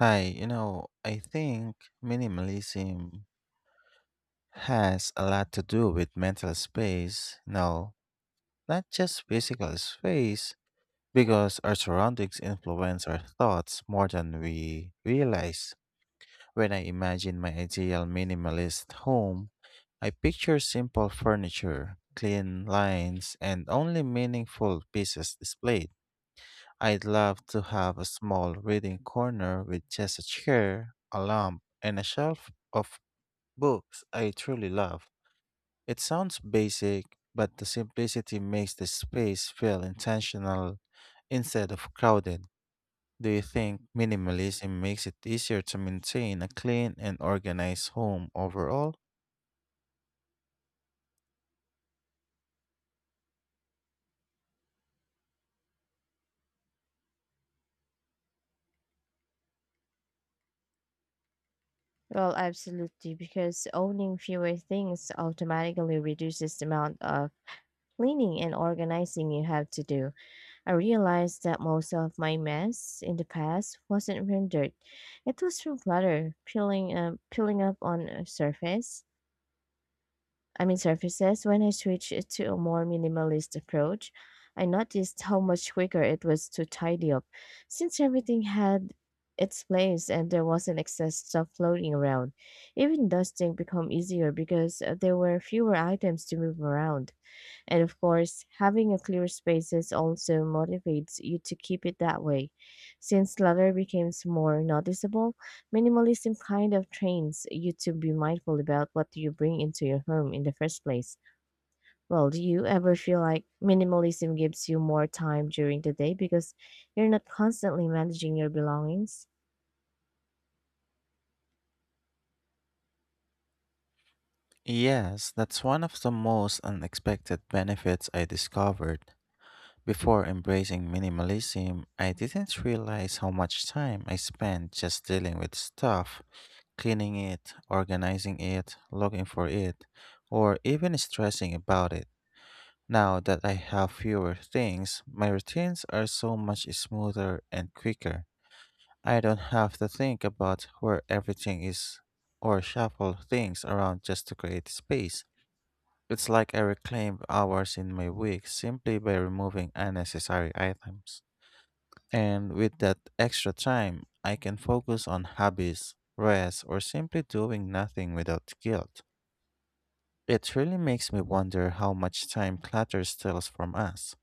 I think minimalism has a lot to do with mental space, no, not just physical space, because our surroundings influence our thoughts more than we realize. When I imagine my ideal minimalist home, I picture simple furniture, clean lines, and only meaningful pieces displayed. I'd love to have a small reading corner with just a chair, a lamp, and a shelf of books I truly love. It sounds basic, but the simplicity makes the space feel intentional instead of crowded. Do you think minimalism makes it easier to maintain a clean and organized home overall? Well, absolutely, because owning fewer things automatically reduces the amount of cleaning and organizing you have to do. I realized that most of my mess in the past wasn't from dirt. It was from clutter, peeling up on a surface. I mean surfaces, when I switched to a more minimalist approach, I noticed how much quicker it was to tidy up, since everything had its place and there wasn't excess stuff floating around. Even dusting became easier because there were fewer items to move around. And of course, having a clear spaces also motivates you to keep it that way. Since clutter becomes more noticeable, minimalism kind of trains you to be mindful about what you bring into your home in the first place. Well, do you ever feel like minimalism gives you more time during the day because you're not constantly managing your belongings? Yes, that's one of the most unexpected benefits I discovered. Before embracing minimalism, I didn't realize how much time I spent just dealing with stuff, cleaning it, organizing it, looking for it, or even stressing about it. Now that I have fewer things, my routines are so much smoother and quicker. I don't have to think about where everything is or shuffle things around just to create space. It's like I reclaim hours in my week simply by removing unnecessary items. And with that extra time, I can focus on hobbies, rest, or simply doing nothing without guilt. It really makes me wonder how much time clutter steals from us.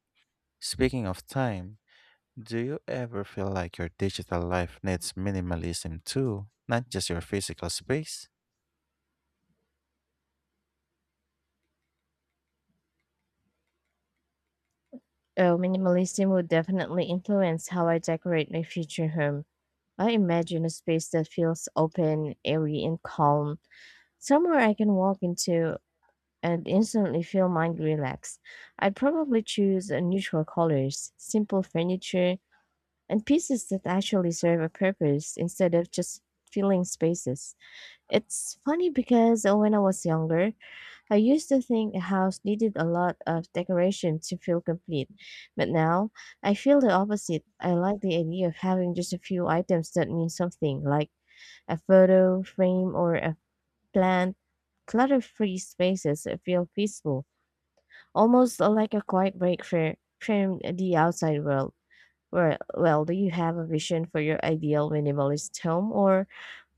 Speaking of time, do you ever feel like your digital life needs minimalism too, not just your physical space? Oh, minimalism would definitely influence how I decorate my future home. I imagine a space that feels open, airy, and calm. Somewhere I can walk into and instantly feel mind relaxed. I'd probably choose neutral colors, simple furniture, and pieces that actually serve a purpose instead of just filling spaces. It's funny because when I was younger, I used to think a house needed a lot of decoration to feel complete. But now, I feel the opposite. I like the idea of having just a few items that mean something, like a photo frame or a plant. Clutter free spaces feel peaceful, almost like a quiet break from the outside world. Well, do you have a vision for your ideal minimalist home, or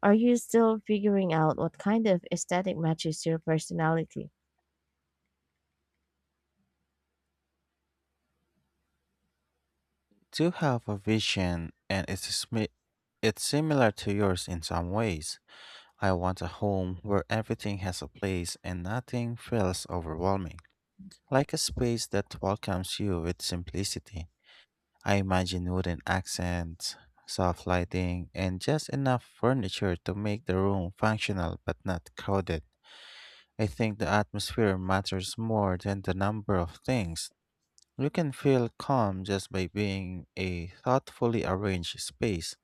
are you still figuring out what kind of aesthetic matches your personality? Do have a vision and it's similar to yours in some ways. I want a home where everything has a place and nothing feels overwhelming. Like a space that welcomes you with simplicity. I imagine wooden accents, soft lighting, and just enough furniture to make the room functional but not crowded. I think the atmosphere matters more than the number of things. You can feel calm just by being a thoughtfully arranged space.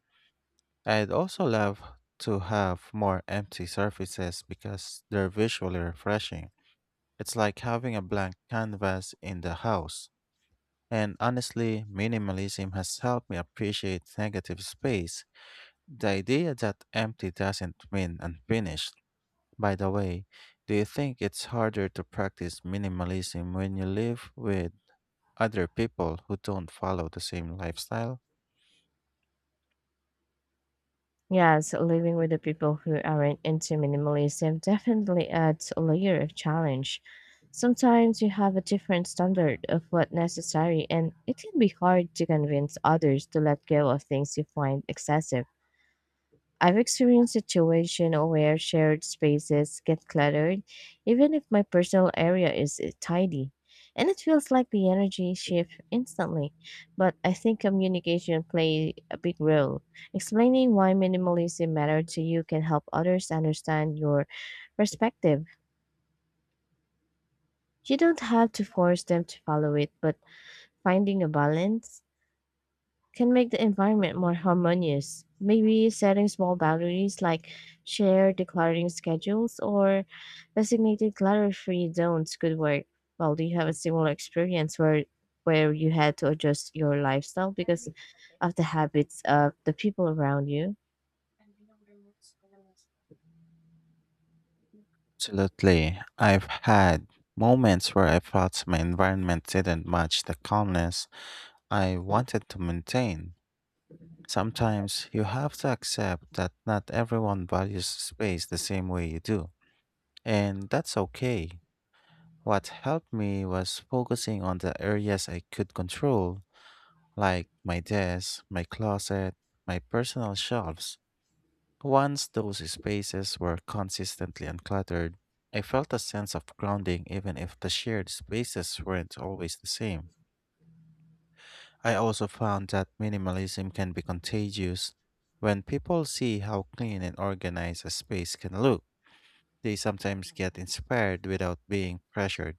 I'd also love to have more empty surfaces because they're visually refreshing. It's like having a blank canvas in the house. And honestly, minimalism has helped me appreciate negative space. The idea that empty doesn't mean unfinished. By the way, do you think it's harder to practice minimalism when you live with other people who don't follow the same lifestyle? Yes, living with the people who aren't into minimalism definitely adds a layer of challenge. Sometimes you have a different standard of what necessary, and it can be hard to convince others to let go of things you find excessive. I've experienced situations where shared spaces get cluttered, even if my personal area is tidy. And it feels like the energy shift instantly. But I think communication play a big role. Explaining why minimalism matters to you can help others understand your perspective. You don't have to force them to follow it, but finding a balance can make the environment more harmonious. Maybe setting small boundaries like shared decluttering schedules or designated clutter-free zones could work. Well, do you have a similar experience where you had to adjust your lifestyle because of the habits of the people around you? Absolutely. I've had moments where I felt my environment didn't match the calmness I wanted to maintain. Sometimes you have to accept that not everyone values space the same way you do. And that's okay. What helped me was focusing on the areas I could control, like my desk, my closet, my personal shelves. Once those spaces were consistently uncluttered, I felt a sense of grounding even if the shared spaces weren't always the same. I also found that minimalism can be contagious. When people see how clean and organized a space can look, they sometimes get inspired without being pressured.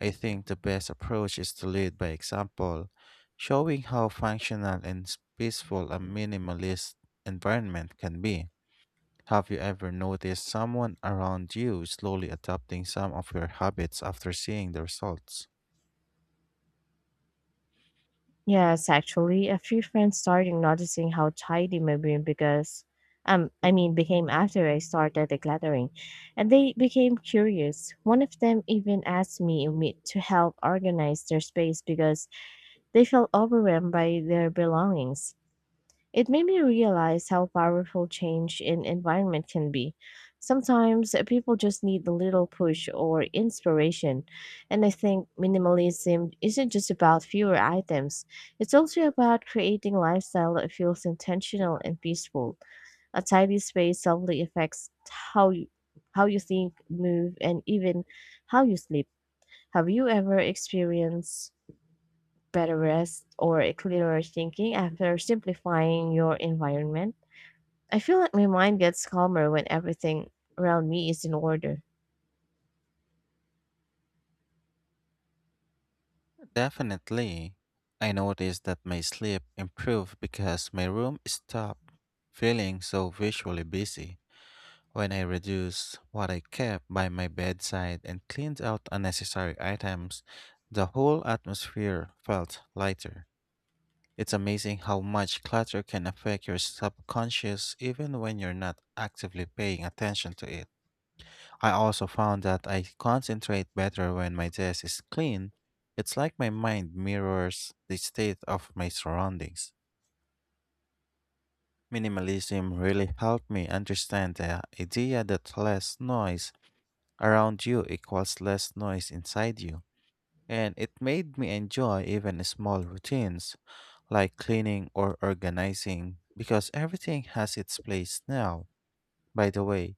I think the best approach is to lead by example, showing how functional and peaceful a minimalist environment can be. Have you ever noticed someone around you slowly adopting some of your habits after seeing the results? Yes, actually, a few friends started noticing how tidy my room because I mean became after I started decluttering. And they became curious. One of them even asked me to help organize their space because they felt overwhelmed by their belongings. It made me realize how powerful change in environment can be. Sometimes people just need a little push or inspiration. And I think minimalism isn't just about fewer items, it's also about creating a lifestyle that feels intentional and peaceful. A tidy space subtly affects how you think, move, and even how you sleep. Have you ever experienced better rest or a clearer thinking after simplifying your environment? I feel like my mind gets calmer when everything around me is in order. Definitely. I noticed that my sleep improved because my room stopped feeling so visually busy. When I reduced what I kept by my bedside and cleaned out unnecessary items, the whole atmosphere felt lighter. It's amazing how much clutter can affect your subconscious even when you're not actively paying attention to it. I also found that I concentrate better when my desk is clean. It's like my mind mirrors the state of my surroundings. Minimalism really helped me understand the idea that less noise around you equals less noise inside you. And it made me enjoy even small routines like cleaning or organizing because everything has its place now. By the way,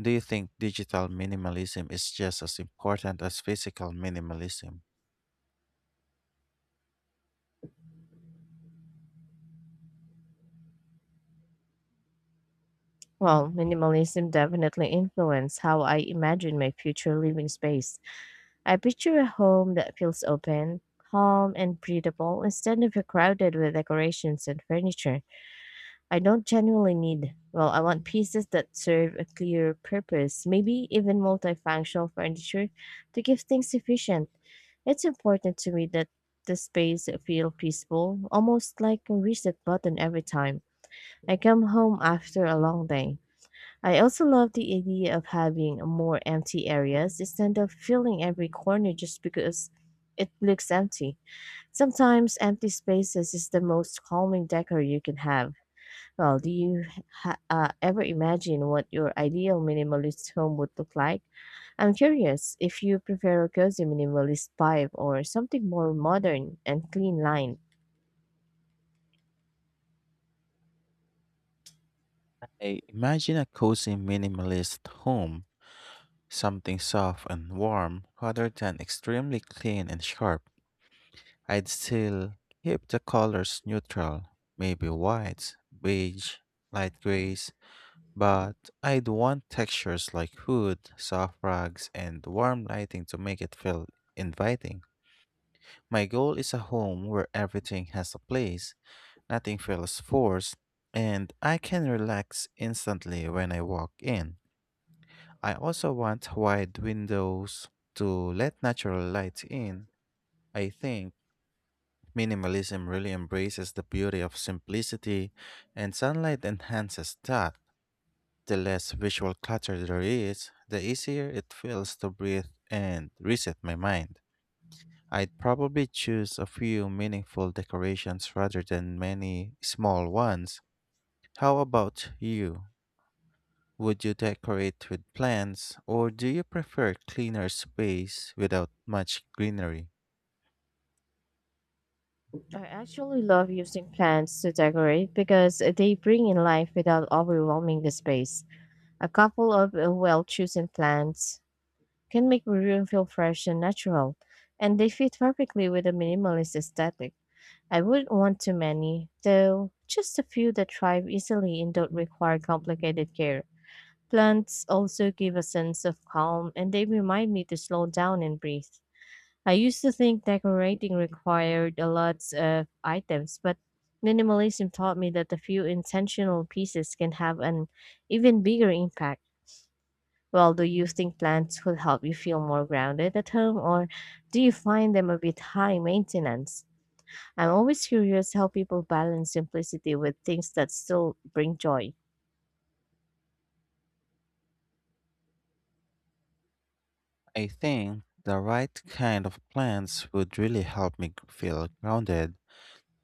do you think digital minimalism is just as important as physical minimalism? Well, minimalism definitely influenced how I imagine my future living space. I picture a home that feels open, calm, and breathable instead of crowded with decorations and furniture. I don't genuinely need, well, I want pieces that serve a clear purpose, maybe even multifunctional furniture to give things efficient. It's important to me that the space feel peaceful, almost like a reset button every time I come home after a long day. I also love the idea of having more empty areas instead of filling every corner just because it looks empty. Sometimes empty spaces is the most calming decor you can have. Well, do you ever imagine what your ideal minimalist home would look like? I'm curious if you prefer a cozy minimalist vibe or something more modern and clean line. I imagine a cozy minimalist home, something soft and warm rather than extremely clean and sharp. I'd still keep the colors neutral, maybe whites, beige, light grays, but I'd want textures like hood, soft rugs, and warm lighting to make it feel inviting. My goal is a home where everything has a place, nothing feels forced, and I can relax instantly when I walk in. I also want wide windows to let natural light in. I think minimalism really embraces the beauty of simplicity, and sunlight enhances that. The less visual clutter there is, the easier it feels to breathe and reset my mind. I'd probably choose a few meaningful decorations rather than many small ones. How about you? Would you decorate with plants, or do you prefer cleaner space without much greenery? I actually love using plants to decorate because they bring in life without overwhelming the space. A couple of well chosen plants can make a room feel fresh and natural, and they fit perfectly with a minimalist aesthetic. I wouldn't want too many, though just a few that thrive easily and don't require complicated care. Plants also give a sense of calm and they remind me to slow down and breathe. I used to think decorating required a lot of items, but minimalism taught me that a few intentional pieces can have an even bigger impact. Well, do you think plants would help you feel more grounded at home, or do you find them a bit high maintenance? I'm always curious how people balance simplicity with things that still bring joy. I think the right kind of plants would really help me feel grounded,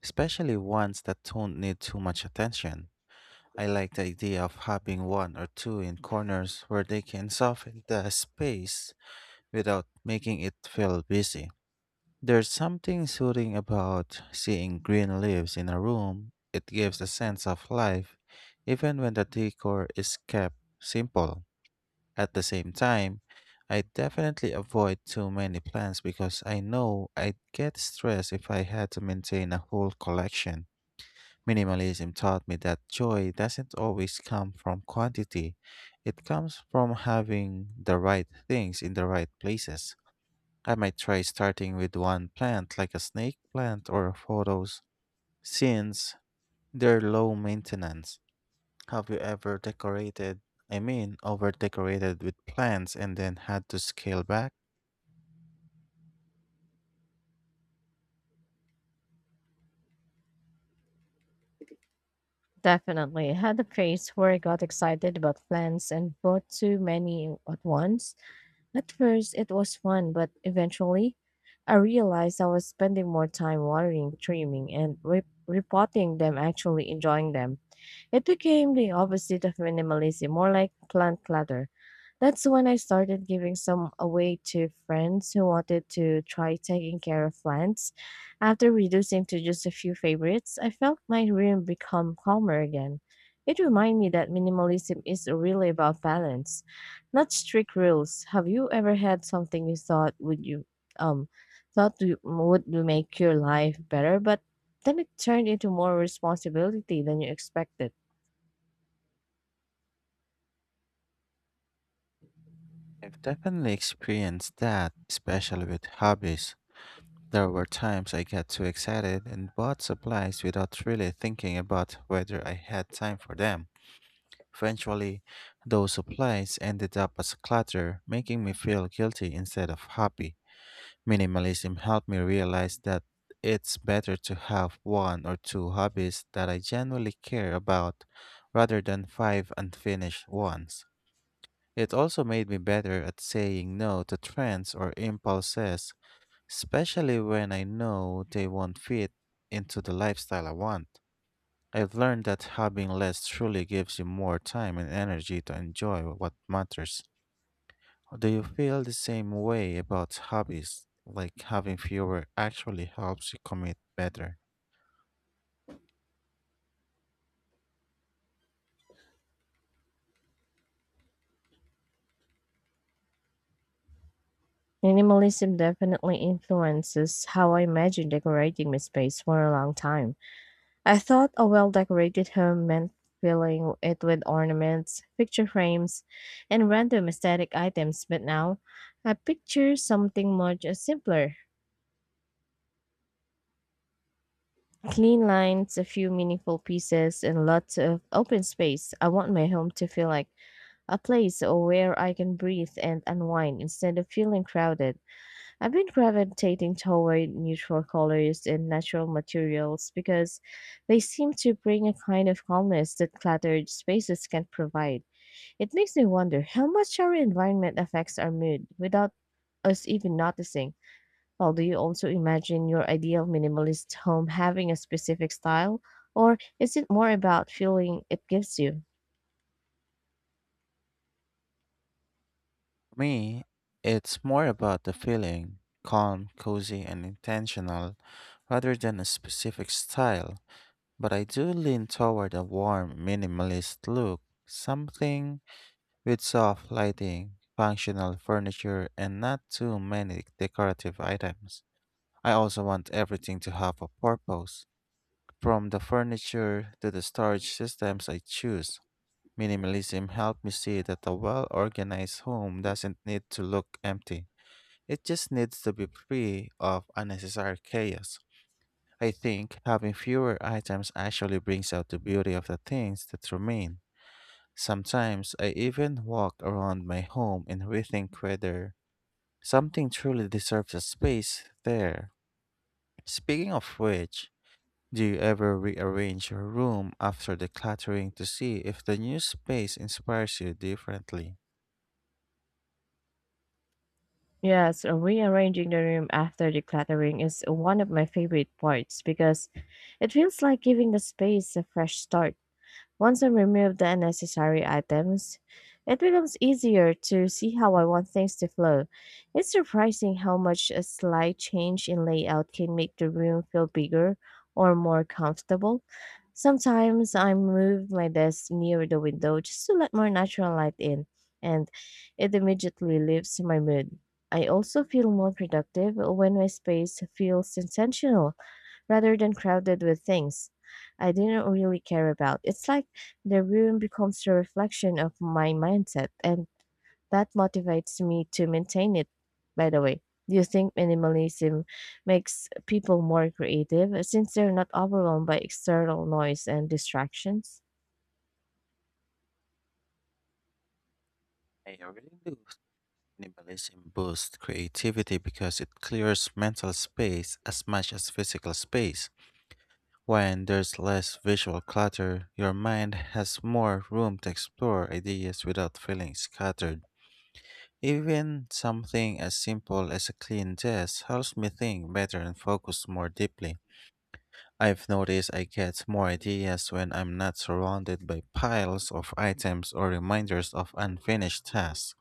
especially ones that don't need too much attention. I like the idea of having one or two in corners where they can soften the space without making it feel busy. There's something soothing about seeing green leaves in a room. It gives a sense of life, even when the decor is kept simple. At the same time, I definitely avoid too many plants because I know I'd get stressed if I had to maintain a whole collection. Minimalism taught me that joy doesn't always come from quantity, it comes from having the right things in the right places. I might try starting with one plant like a snake plant or photos since they're low maintenance. Have you ever decorated, over decorated with plants and then had to scale back? Definitely had a phase where I got excited about plants and bought too many at once. At first, it was fun, but eventually, I realized I was spending more time watering, trimming, and repotting than actually enjoying them. It became the opposite of minimalism, more like plant clutter. That's when I started giving some away to friends who wanted to try taking care of plants. After reducing to just a few favorites, I felt my room become calmer again. It reminded me that minimalism is really about balance, not strict rules. Have you ever had something you thought would you um thought you- would make your life better, but then it turned into more responsibility than you expected? I've definitely experienced that, especially with hobbies. There were times I got too excited and bought supplies without really thinking about whether I had time for them. Eventually, those supplies ended up as clutter, making me feel guilty instead of happy. Minimalism helped me realize that it's better to have one or two hobbies that I genuinely care about rather than five unfinished ones. It also made me better at saying no to trends or impulses, especially when I know they won't fit into the lifestyle I want. I've learned that having less truly gives you more time and energy to enjoy what matters. Do you feel the same way about hobbies? Like having fewer actually helps you commit better? Minimalism definitely influences how I imagine decorating my space for a long time. I thought a well decorated home meant filling it with ornaments, picture frames, and random aesthetic items, but now I picture something much simpler. Clean lines, a few meaningful pieces, and lots of open space. I want my home to feel like a place where I can breathe and unwind instead of feeling crowded. I've been gravitating toward neutral colors and natural materials because they seem to bring a kind of calmness that cluttered spaces can't provide. It makes me wonder how much our environment affects our mood without us even noticing. Well, do you also imagine your ideal minimalist home having a specific style, or is it more about feeling it gives you? For me, it's more about the feeling calm, cozy, and intentional rather than a specific style. But I do lean toward a warm, minimalist look, something with soft lighting, functional furniture, and not too many decorative items. I also want everything to have a purpose. From the furniture to the storage systems I choose, minimalism helped me see that a well organized home doesn't need to look empty. It just needs to be free of unnecessary chaos. I think having fewer items actually brings out the beauty of the things that remain. Sometimes I even walk around my home and rethink whether something truly deserves a space there. Speaking of which, do you ever rearrange your room after decluttering to see if the new space inspires you differently? Yes, rearranging the room after decluttering is one of my favorite parts because it feels like giving the space a fresh start. Once I remove the unnecessary items, it becomes easier to see how I want things to flow. It's surprising how much a slight change in layout can make the room feel bigger or more comfortable. Sometimes I move my desk near the window just to let more natural light in, and it immediately lifts my mood. I also feel more productive when my space feels intentional rather than crowded with things I didn't really care about. It's like the room becomes a reflection of my mindset, and that motivates me to maintain it. By the way, do you think minimalism makes people more creative since they're not overwhelmed by external noise and distractions? I really do. Minimalism boosts creativity because it clears mental space as much as physical space. When there's less visual clutter, your mind has more room to explore ideas without feeling scattered. Even something as simple as a clean desk helps me think better and focus more deeply. I've noticed I get more ideas when I'm not surrounded by piles of items or reminders of unfinished tasks.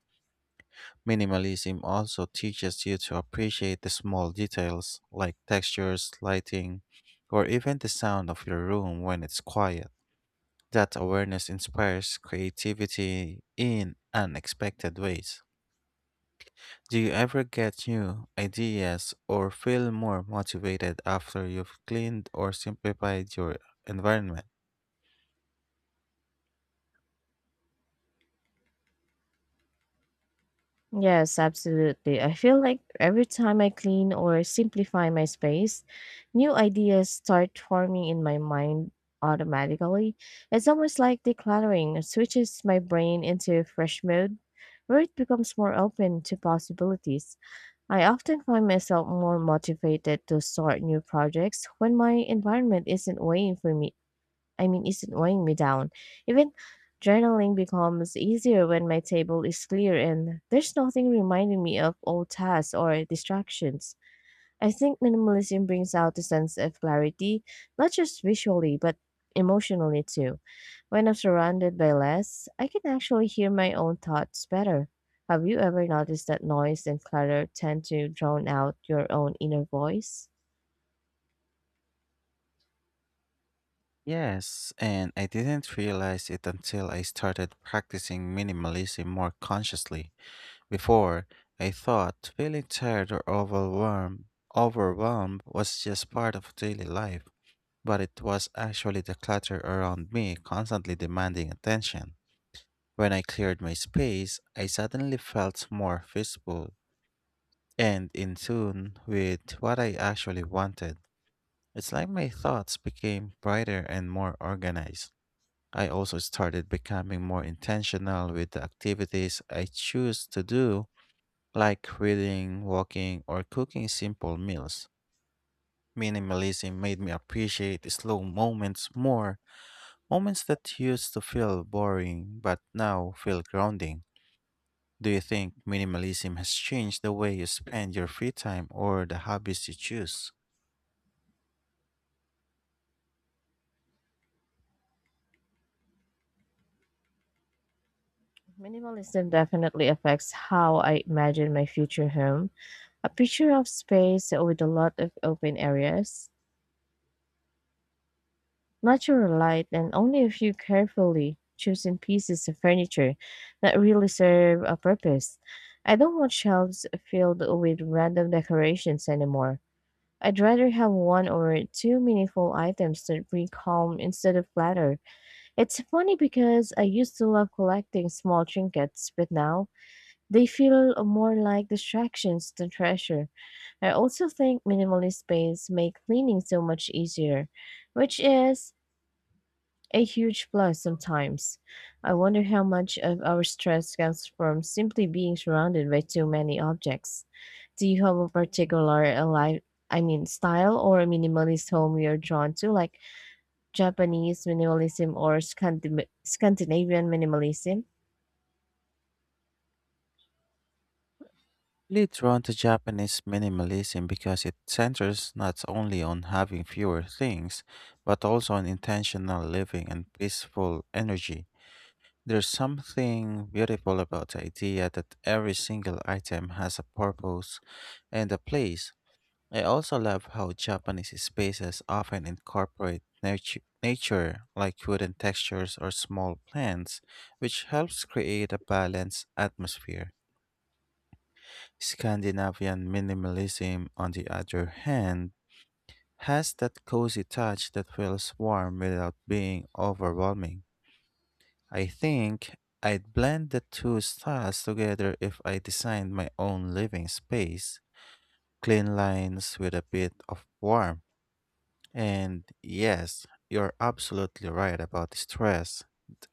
Minimalism also teaches you to appreciate the small details like textures, lighting, or even the sound of your room when it's quiet. That awareness inspires creativity in unexpected ways. Do you ever get new ideas or feel more motivated after you've cleaned or simplified your environment? Yes, absolutely. I feel like every time I clean or simplify my space, new ideas start forming in my mind automatically. It's almost like decluttering switches my brain into fresh mode where it becomes more open to possibilities. I often find myself more motivated to start new projects when my environment isn't waiting for me I mean, isn't weighing me down. Even journaling becomes easier when my table is clear and there's nothing reminding me of old tasks or distractions. I think minimalism brings out a sense of clarity, not just visually, but emotionally too. When I'm surrounded by less, I can actually hear my own thoughts better. Have you ever noticed that noise and clutter tend to drown out your own inner voice? Yes, and I didn't realize it until I started practicing minimalism more consciously. Before, I thought feeling tired or overwhelmed was just part of daily life, but it was actually the clutter around me constantly demanding attention. When I cleared my space, I suddenly felt more visible and in tune with what I actually wanted. It's like my thoughts became brighter and more organized. I also started becoming more intentional with the activities I choose to do, like reading, walking, or cooking simple meals. Minimalism made me appreciate slow moments more, moments that used to feel boring but now feel grounding. Do you think minimalism has changed the way you spend your free time or the hobbies you choose? Minimalism definitely affects how I imagine my future home. A picture of space with a lot of open areas, natural light, and only a few carefully chosen pieces of furniture that really serve a purpose. I don't want shelves filled with random decorations anymore. I'd rather have one or two meaningful items that bring calm instead of clutter. It's funny because I used to love collecting small trinkets, but now they feel more like distractions than treasure. I also think minimalist paints make cleaning so much easier, which is a huge plus sometimes. I wonder how much of our stress comes from simply being surrounded by too many objects. Do you have a particular li I mean, style or a minimalist home you're drawn to, like Japanese minimalism or Scandinavian minimalism? Really drawn to Japanese minimalism because it centers not only on having fewer things, but also on intentional living and peaceful energy. There's something beautiful about the idea that every single item has a purpose and a place. I also love how Japanese spaces often incorporate nature, like wooden textures or small plants, which helps create a balanced atmosphere. Scandinavian minimalism, on the other hand, has that cozy touch that feels warm without being overwhelming. I think I'd blend the two styles together if I designed my own living space. Clean lines with a bit of warmth. And yes, you're absolutely right about stress.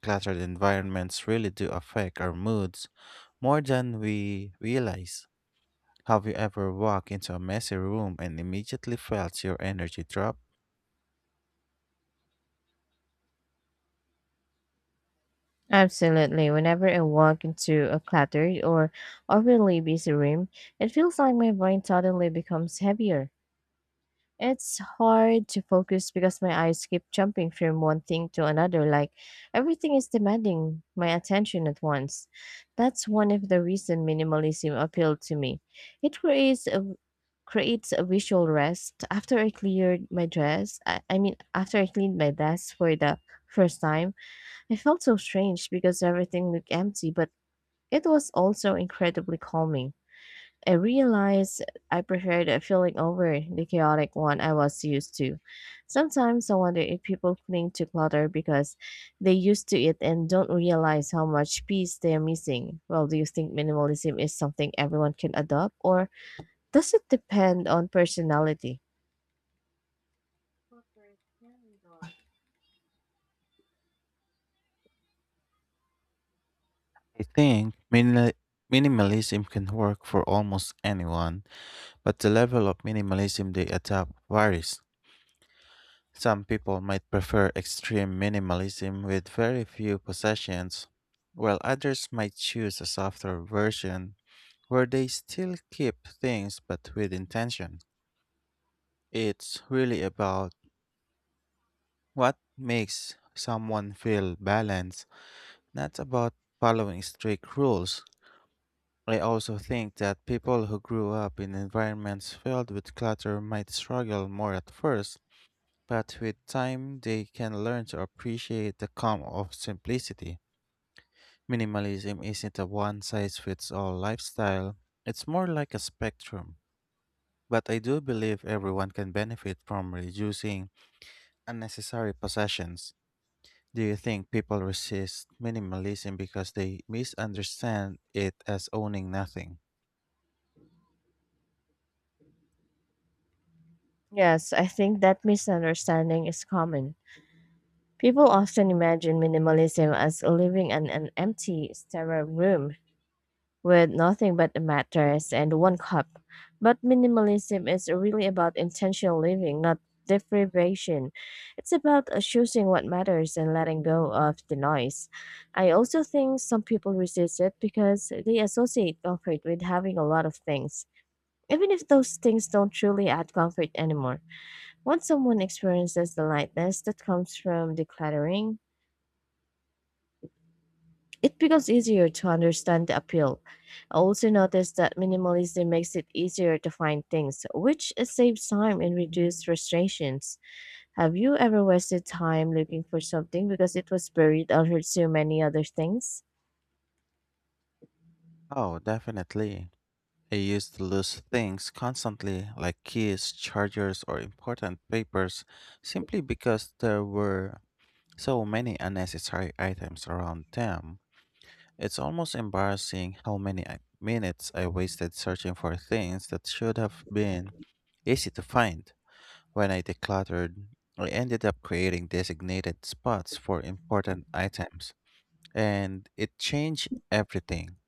Cluttered environments really do affect our moods more than we realize. Have you ever walked into a messy room and immediately felt your energy drop? Absolutely. Whenever I walk into a cluttered or overly busy room, it feels like my brain suddenly becomes heavier. It's hard to focus because my eyes keep jumping from one thing to another, like everything is demanding my attention at once. That's one of the reasons minimalism appealed to me. It creates a visual rest. After I cleared my I mean after I cleaned my desk for the first time, it felt so strange because everything looked empty, but it was also incredibly calming. I realized I preferred a feeling over the chaotic one I was used to. Sometimes I wonder if people cling to clutter because they used to it and don't realize how much peace they are missing. Well, do you think minimalism is something everyone can adopt, or does it depend on personality? I think minimalism can work for almost anyone, but the level of minimalism they adopt varies. Some people might prefer extreme minimalism with very few possessions, while others might choose a softer version where they still keep things but with intention. It's really about what makes someone feel balanced. Not about following strict rules. I also think that people who grew up in environments filled with clutter might struggle more at first, but with time they can learn to appreciate the calm of simplicity. Minimalism isn't a one size fits all lifestyle, it's more like a spectrum. But I do believe everyone can benefit from reducing unnecessary possessions. Do you think people resist minimalism because they misunderstand it as owning nothing? Yes, I think that misunderstanding is common. People often imagine minimalism as living in an empty, sterile room with nothing but a mattress and one cup. But minimalism is really about intentional living, not deprivation. It's about choosing what matters and letting go of the noise. I also think some people resist it because they associate comfort with having a lot of things. Even if those things don't truly add comfort anymore, once someone experiences the lightness that comes from decluttering, it becomes easier to understand the appeal. I also noticed that minimalism makes it easier to find things, which saves time and reduces frustrations. Have you ever wasted time looking for something because it was buried under so many other things? Oh, definitely. I used to lose things constantly, like keys, chargers, or important papers, simply because there were so many unnecessary items around them. It's almost embarrassing how many minutes I wasted searching for things that should have been easy to find. When I decluttered, I ended up creating designated spots for important items, and it changed everything.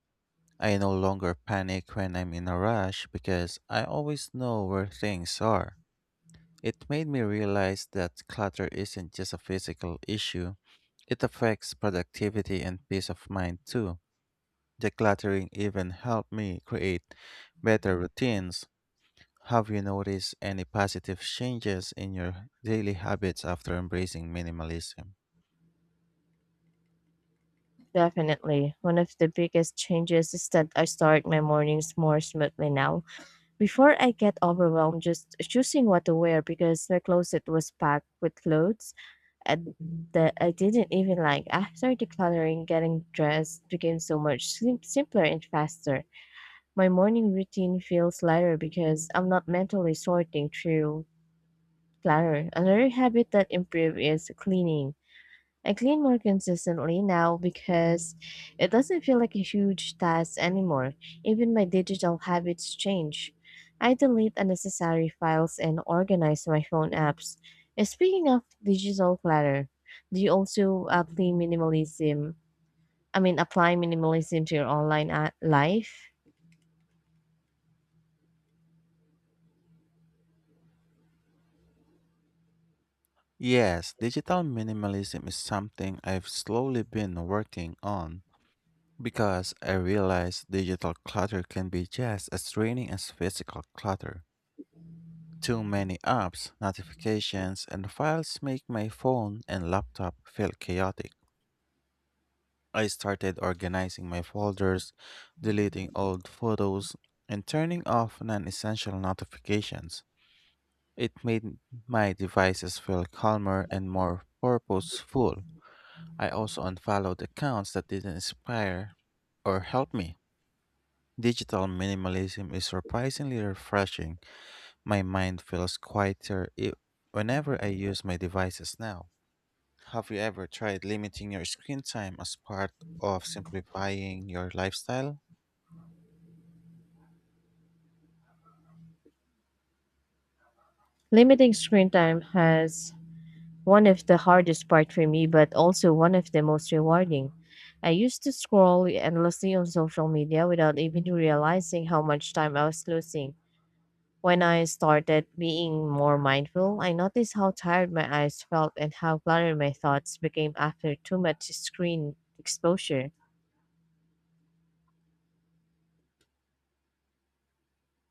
I no longer panic when I'm in a rush because I always know where things are. It made me realize that clutter isn't just a physical issue, it affects productivity and peace of mind too. Decluttering even helped me create better routines. Have you noticed any positive changes in your daily habits after embracing minimalism? Definitely. One of the biggest changes is that I start my mornings more smoothly now. Before I get overwhelmed just choosing what to wear because my closet was packed with clothes and that I didn't even like. After decluttering, getting dressed became so much simpler and faster. My morning routine feels lighter because I'm not mentally sorting through clutter. Another habit that improved is cleaning. I clean more consistently now because it doesn't feel like a huge task anymore. Even my digital habits change. I delete unnecessary files and organize my phone apps. And speaking of digital clutter, do you also apply minimalism? I mean, apply minimalism to your online life? Yes, digital minimalism is something I've slowly been working on because I realize digital clutter can be just as draining as physical clutter. Too many apps, notifications, and files make my phone and laptop feel chaotic. I started organizing my folders, deleting old photos, and turning off non essential notifications. It made my devices feel calmer and more purposeful. I also unfollowed accounts that didn't inspire or help me. Digital minimalism is surprisingly refreshing. My mind feels quieter whenever I use my devices now. Have you ever tried limiting your screen time as part of simplifying your lifestyle? Limiting screen time has one of the hardest part for me, but also one of the most rewarding. I used to scroll endlessly on social media without even realizing how much time I was losing. When I started being more mindful, I noticed how tired my eyes felt and how cluttered my thoughts became after too much screen exposure.